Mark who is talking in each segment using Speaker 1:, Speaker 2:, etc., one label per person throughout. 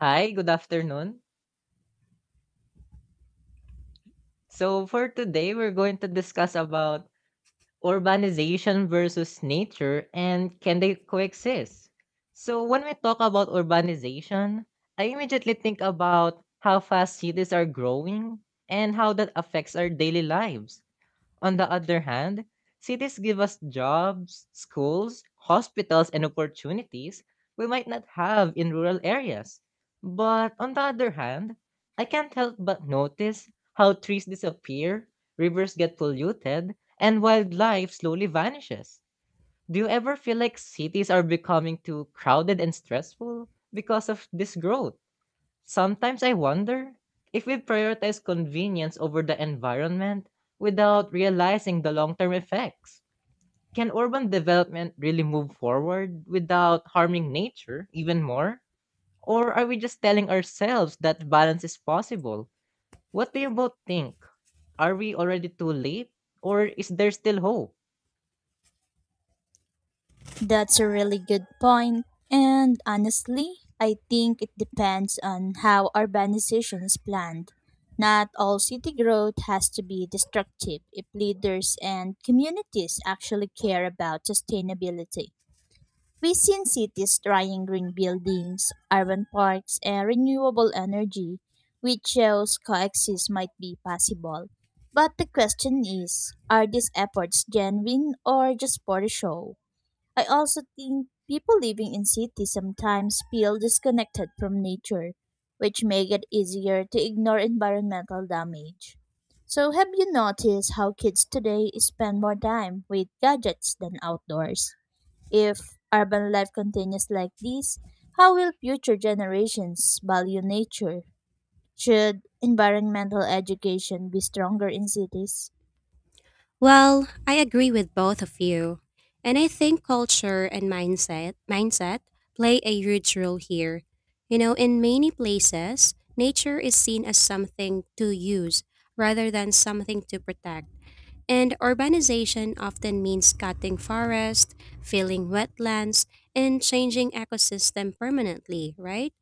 Speaker 1: Hi, good afternoon. So for today, we're going to discuss about urbanization versus nature, and can they coexist? So when we talk about urbanization, I immediately think about how fast cities are growing and how that affects our daily lives. On the other hand, cities give us jobs, schools, hospitals, and opportunities we might not have in rural areas. But on the other hand, I can't help but notice how trees disappear, rivers get polluted, and wildlife slowly vanishes. Do you ever feel like cities are becoming too crowded and stressful because of this growth? Sometimes I wonder if we prioritize convenience over the environment without realizing the long term effects. Can urban development really move forward without harming nature even more? Or are we just telling ourselves that balance is possible? What do you both think? Are we already too late? Or is there still hope?
Speaker 2: That's a really good point. And honestly, I think it depends on how urbanization is planned. Not all city growth has to be destructive if leaders and communities actually care about sustainability. We've seen cities trying green buildings, urban parks, and renewable energy, which shows coexist might be possible. But the question is, are these efforts genuine or just for the show? I also think people living in cities sometimes feel disconnected from nature, which make it easier to ignore environmental damage. So have you noticed how kids today spend more time with gadgets than outdoors? If urban life continues like this, how will future generations value nature? Should environmental education be stronger in cities?
Speaker 3: Well, I agree with both of you. And I think culture and mindset play a huge role here. You know, in many places, nature is seen as something to use rather than something to protect. And urbanization often means cutting forests, filling wetlands, and changing ecosystem permanently, right?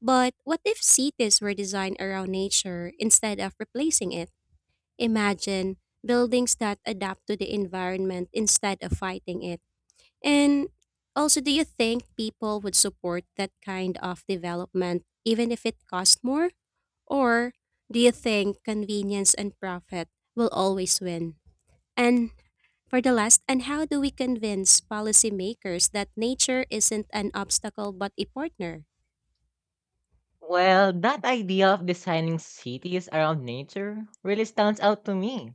Speaker 3: But what if cities were designed around nature instead of replacing it? Imagine buildings that adapt to the environment instead of fighting it. And also, do you think people would support that kind of development even if it cost more? Or do you think convenience and profit will always win? And for the last, and how do we convince policymakers that nature isn't an obstacle but a partner?
Speaker 1: Well, that idea of designing cities around nature really stands out to me.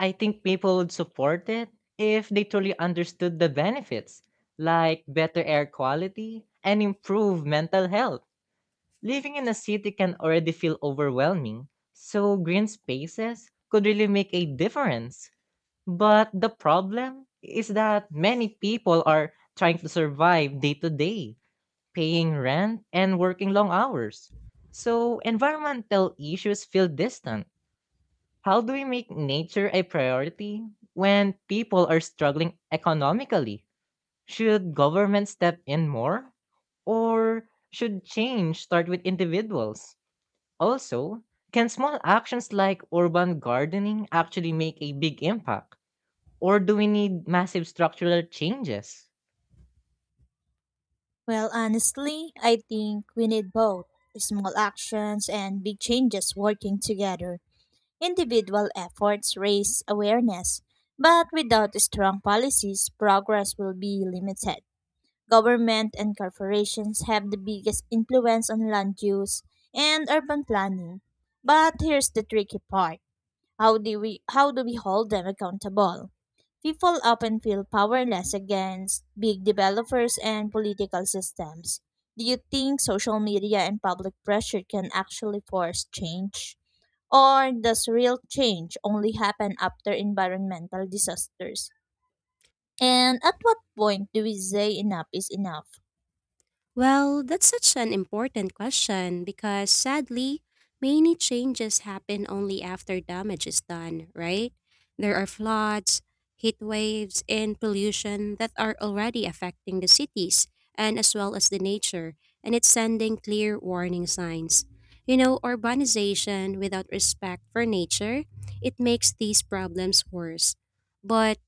Speaker 1: I think people would support it if they truly understood the benefits, like better air quality and improved mental health. Living in a city can already feel overwhelming, so green spaces could really make a difference. But the problem is that many people are trying to survive day to day, paying rent and working long hours. So environmental issues feel distant. How do we make nature a priority when people are struggling economically? Should government step in more? Or should change start with individuals? Also, can small actions like urban gardening actually make a big impact? Or do we need massive structural changes?
Speaker 2: Well, honestly, I think we need both small actions and big changes working together. Individual efforts raise awareness, but without strong policies, progress will be limited. Government and corporations have the biggest influence on land use and urban planning. But here's the tricky part, how do we hold them accountable? People often feel powerless against big developers and political systems. Do you think social media and public pressure can actually force change? Or does real change only happen after environmental disasters? And at what point do we say enough is enough?
Speaker 3: Well, that's such an important question because sadly, many changes happen only after damage is done, right? There are floods, heat waves, and pollution that are already affecting the cities and as well as the nature, and it's sending clear warning signs. You know, urbanization without respect for nature, it makes these problems worse. But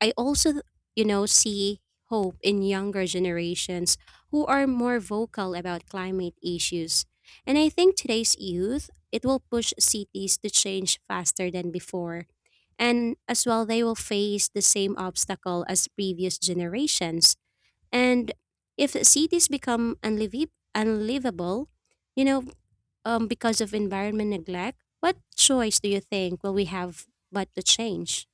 Speaker 3: I also, you know, see hope in younger generations who are more vocal about climate issues. And I think today's youth, it will push cities to change faster than before. And as well, they will face the same obstacle as previous generations. And if cities become unlivable, you know, because of environment neglect, what choice do you think will we have but to change?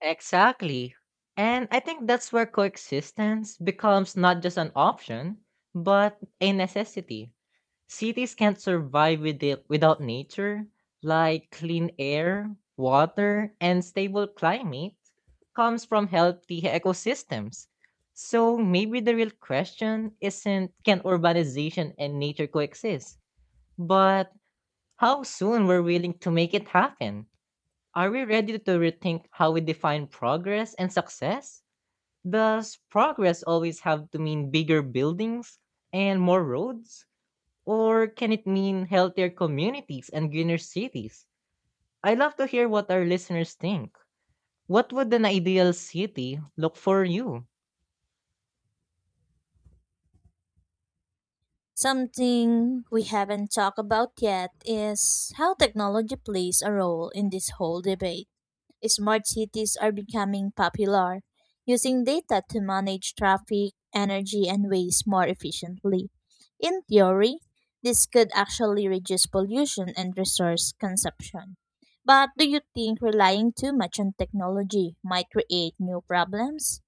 Speaker 1: Exactly. And I think that's where coexistence becomes not just an option, but a necessity. Cities can't survive with it without nature, like clean air, water, and stable climate comes from healthy ecosystems. So maybe the real question isn't can urbanization and nature coexist, but how soon we're willing to make it happen? Are we ready to rethink how we define progress and success? Does progress always have to mean bigger buildings and more roads? Or can it mean healthier communities and greener cities? I love to hear what our listeners think. What would an ideal city look for you?
Speaker 2: Something we haven't talked about yet is how technology plays a role in this whole debate. Smart cities are becoming popular, using data to manage traffic, energy, and waste more efficiently. In theory, this could actually reduce pollution and resource consumption. But do you think relying too much on technology might create new problems?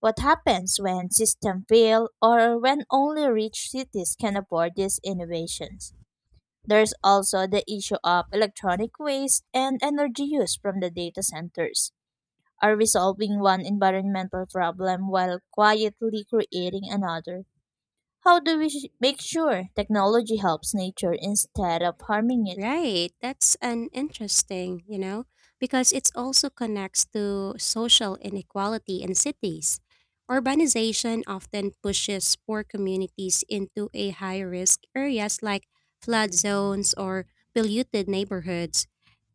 Speaker 2: What happens when systems fail or when only rich cities can afford these innovations? There's also the issue of electronic waste and energy use from the data centers are resolving one environmental problem while quietly creating another. How do we make sure technology helps nature instead of harming it?
Speaker 3: Right. That's an interesting, you know, because it also connects to social inequality in cities. Urbanization often pushes poor communities into a high risk areas like flood zones or polluted neighborhoods.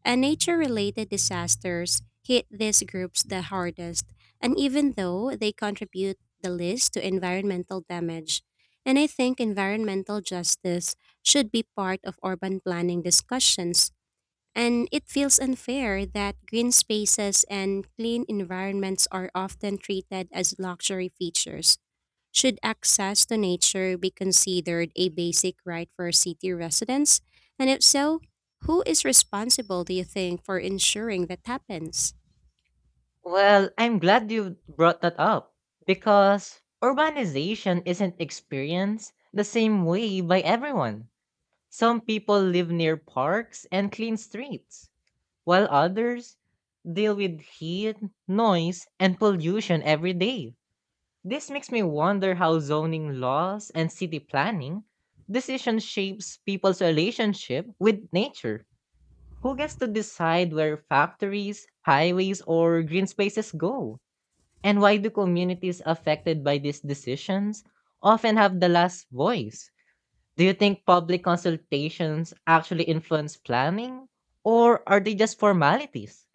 Speaker 3: And nature related disasters hit these groups the hardest, and even though they contribute the least to environmental damage. And I think environmental justice should be part of urban planning discussions. And it feels unfair that green spaces and clean environments are often treated as luxury features. Should access to nature be considered a basic right for city residents? And if so, who is responsible, do you think, for ensuring that happens?
Speaker 1: Well, I'm glad you brought that up because urbanization isn't experienced the same way by everyone. Some people live near parks and clean streets, while others deal with heat, noise, and pollution every day. This makes me wonder how zoning laws and city planning decision shapes people's relationship with nature. Who gets to decide where factories, highways, or green spaces go? And why do communities affected by these decisions often have the last voice? Do you think public consultations actually influence planning? Or are they just formalities?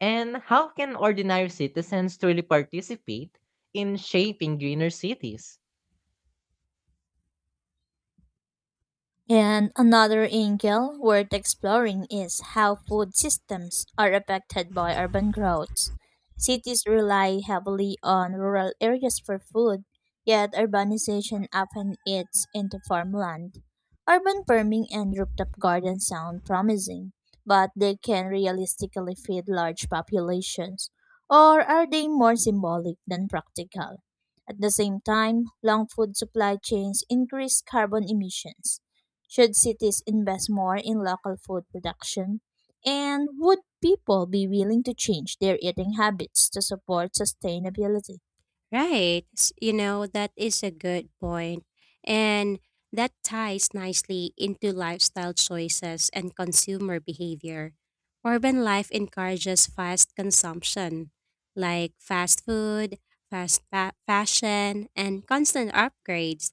Speaker 1: And how can ordinary citizens truly participate in shaping greener cities?
Speaker 2: And another angle worth exploring is how food systems are affected by urban growth. Cities rely heavily on rural areas for food, yet urbanization often eats into farmland. Urban farming and rooftop gardens sound promising, but they can realistically feed large populations, or are they more symbolic than practical? At the same time, long food supply chains increase carbon emissions. Should cities invest more in local food production? And would people be willing to change their eating habits to support sustainability?
Speaker 3: Right. You know, that is a good point. And that ties nicely into lifestyle choices and consumer behavior. Urban life encourages fast consumption, like fast food, fast fashion, and constant upgrades.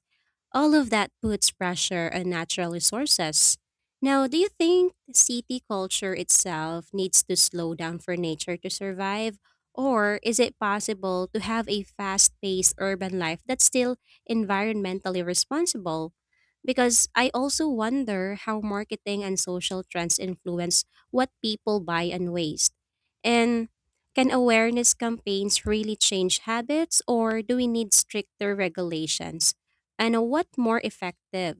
Speaker 3: All of that puts pressure on natural resources. Now, do you think city culture itself needs to slow down for nature to survive? Or is it possible to have a fast paced urban life that's still environmentally responsible? Because I also wonder how marketing and social trends influence what people buy and waste. And can awareness campaigns really change habits, or do we need stricter regulations? And what more effective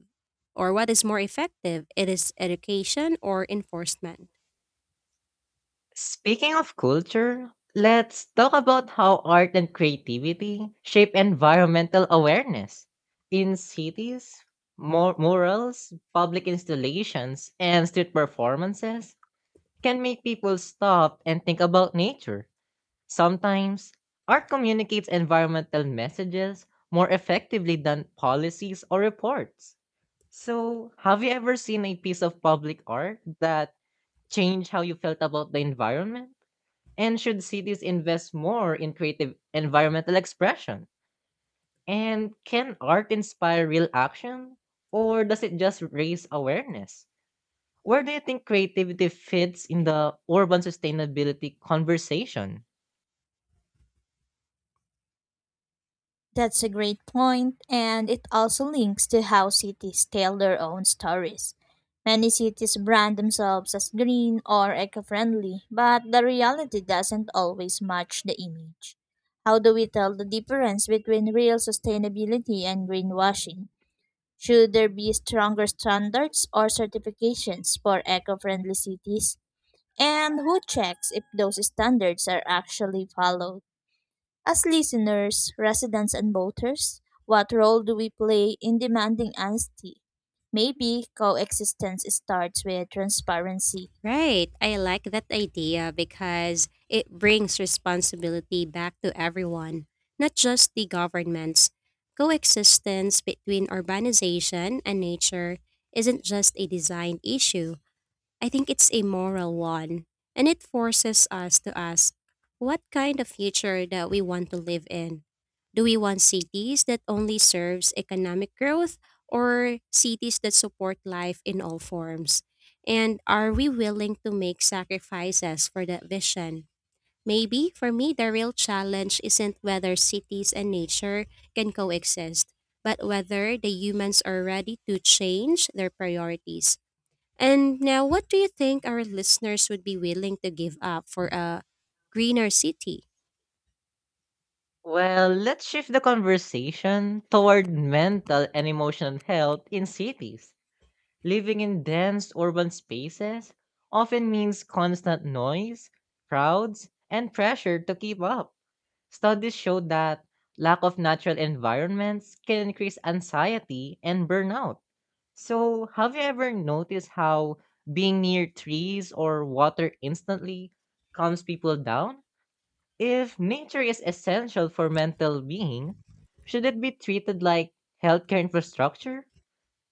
Speaker 3: or what is more effective? It is education or enforcement.
Speaker 1: Speaking of culture, let's talk about how art and creativity shape environmental awareness. In cities, murals, public installations, and street performances can make people stop and think about nature. Sometimes, art communicates environmental messages more effectively than policies or reports. So, have you ever seen a piece of public art that changed how you felt about the environment? And should cities invest more in creative environmental expression? And can art inspire real action? Or does it just raise awareness? Where do you think creativity fits in the urban sustainability conversation?
Speaker 2: That's a great point, and it also links to how cities tell their own stories. Many cities brand themselves as green or eco friendly, but the reality doesn't always match the image. How do we tell the difference between real sustainability and greenwashing? Should there be stronger standards or certifications for eco friendly cities? And who checks if those standards are actually followed? As listeners, residents, and voters, what role do we play in demanding honesty? Maybe coexistence starts with transparency.
Speaker 3: Right. I like that idea because it brings responsibility back to everyone, not just the governments. Coexistence between urbanization and nature isn't just a design issue, I think it's a moral one, and it forces us to ask what kind of future that we want to live in. Do we want cities that only serves economic growth or cities that support life in all forms? And are we willing to make sacrifices for that vision? Maybe for me the real challenge isn't whether cities and nature can coexist, but whether the humans are ready to change their priorities and now, what do you think our listeners would be willing to give up for a greener city?
Speaker 1: Well, let's shift the conversation toward mental and emotional health in cities. Living in dense urban spaces often means constant noise, crowds, and pressure to keep up. Studies show that lack of natural environments can increase anxiety and burnout. So, have you ever noticed how being near trees or water instantly calms people down? If nature is essential for mental being, should it be treated like healthcare infrastructure?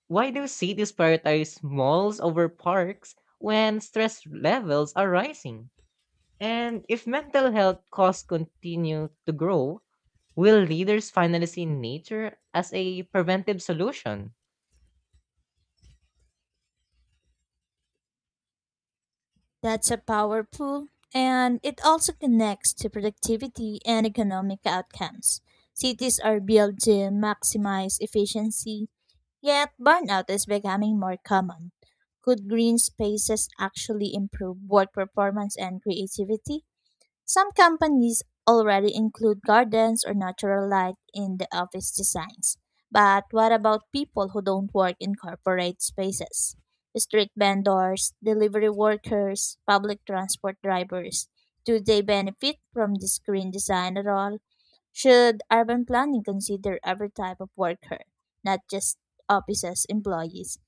Speaker 1: Why do cities prioritize malls over parks when stress levels are rising? And if mental health costs continue to grow, will leaders finally see nature as a preventive solution?
Speaker 2: That's a powerful, and it also connects to productivity and economic outcomes. Cities are built to maximize efficiency, yet burnout is becoming more common. Could green spaces actually improve work performance and creativity? Some companies already include gardens or natural light in the office designs. But what about people who don't work in corporate spaces? Street vendors, delivery workers, public transport drivers. Do they benefit from this green design at all? Should urban planning consider every type of worker, not just offices employees?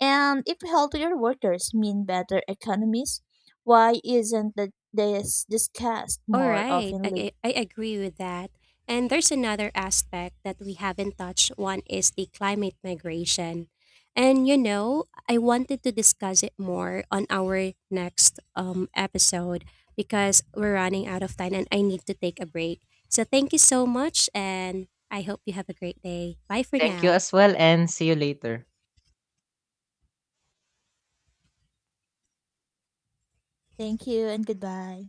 Speaker 2: And if healthier workers mean better economies, why isn't that this discussed
Speaker 3: All
Speaker 2: more
Speaker 3: right,
Speaker 2: oftenly?
Speaker 3: I agree with that. And there's another aspect that we haven't touched. One is the climate migration. And you know, I wanted to discuss it more on our next episode because we're running out of time and I need to take a break. So, thank you so much, and I hope you have a great day. Bye for
Speaker 1: Thank you
Speaker 3: now.
Speaker 1: as well, and see you later.
Speaker 2: Thank you and goodbye.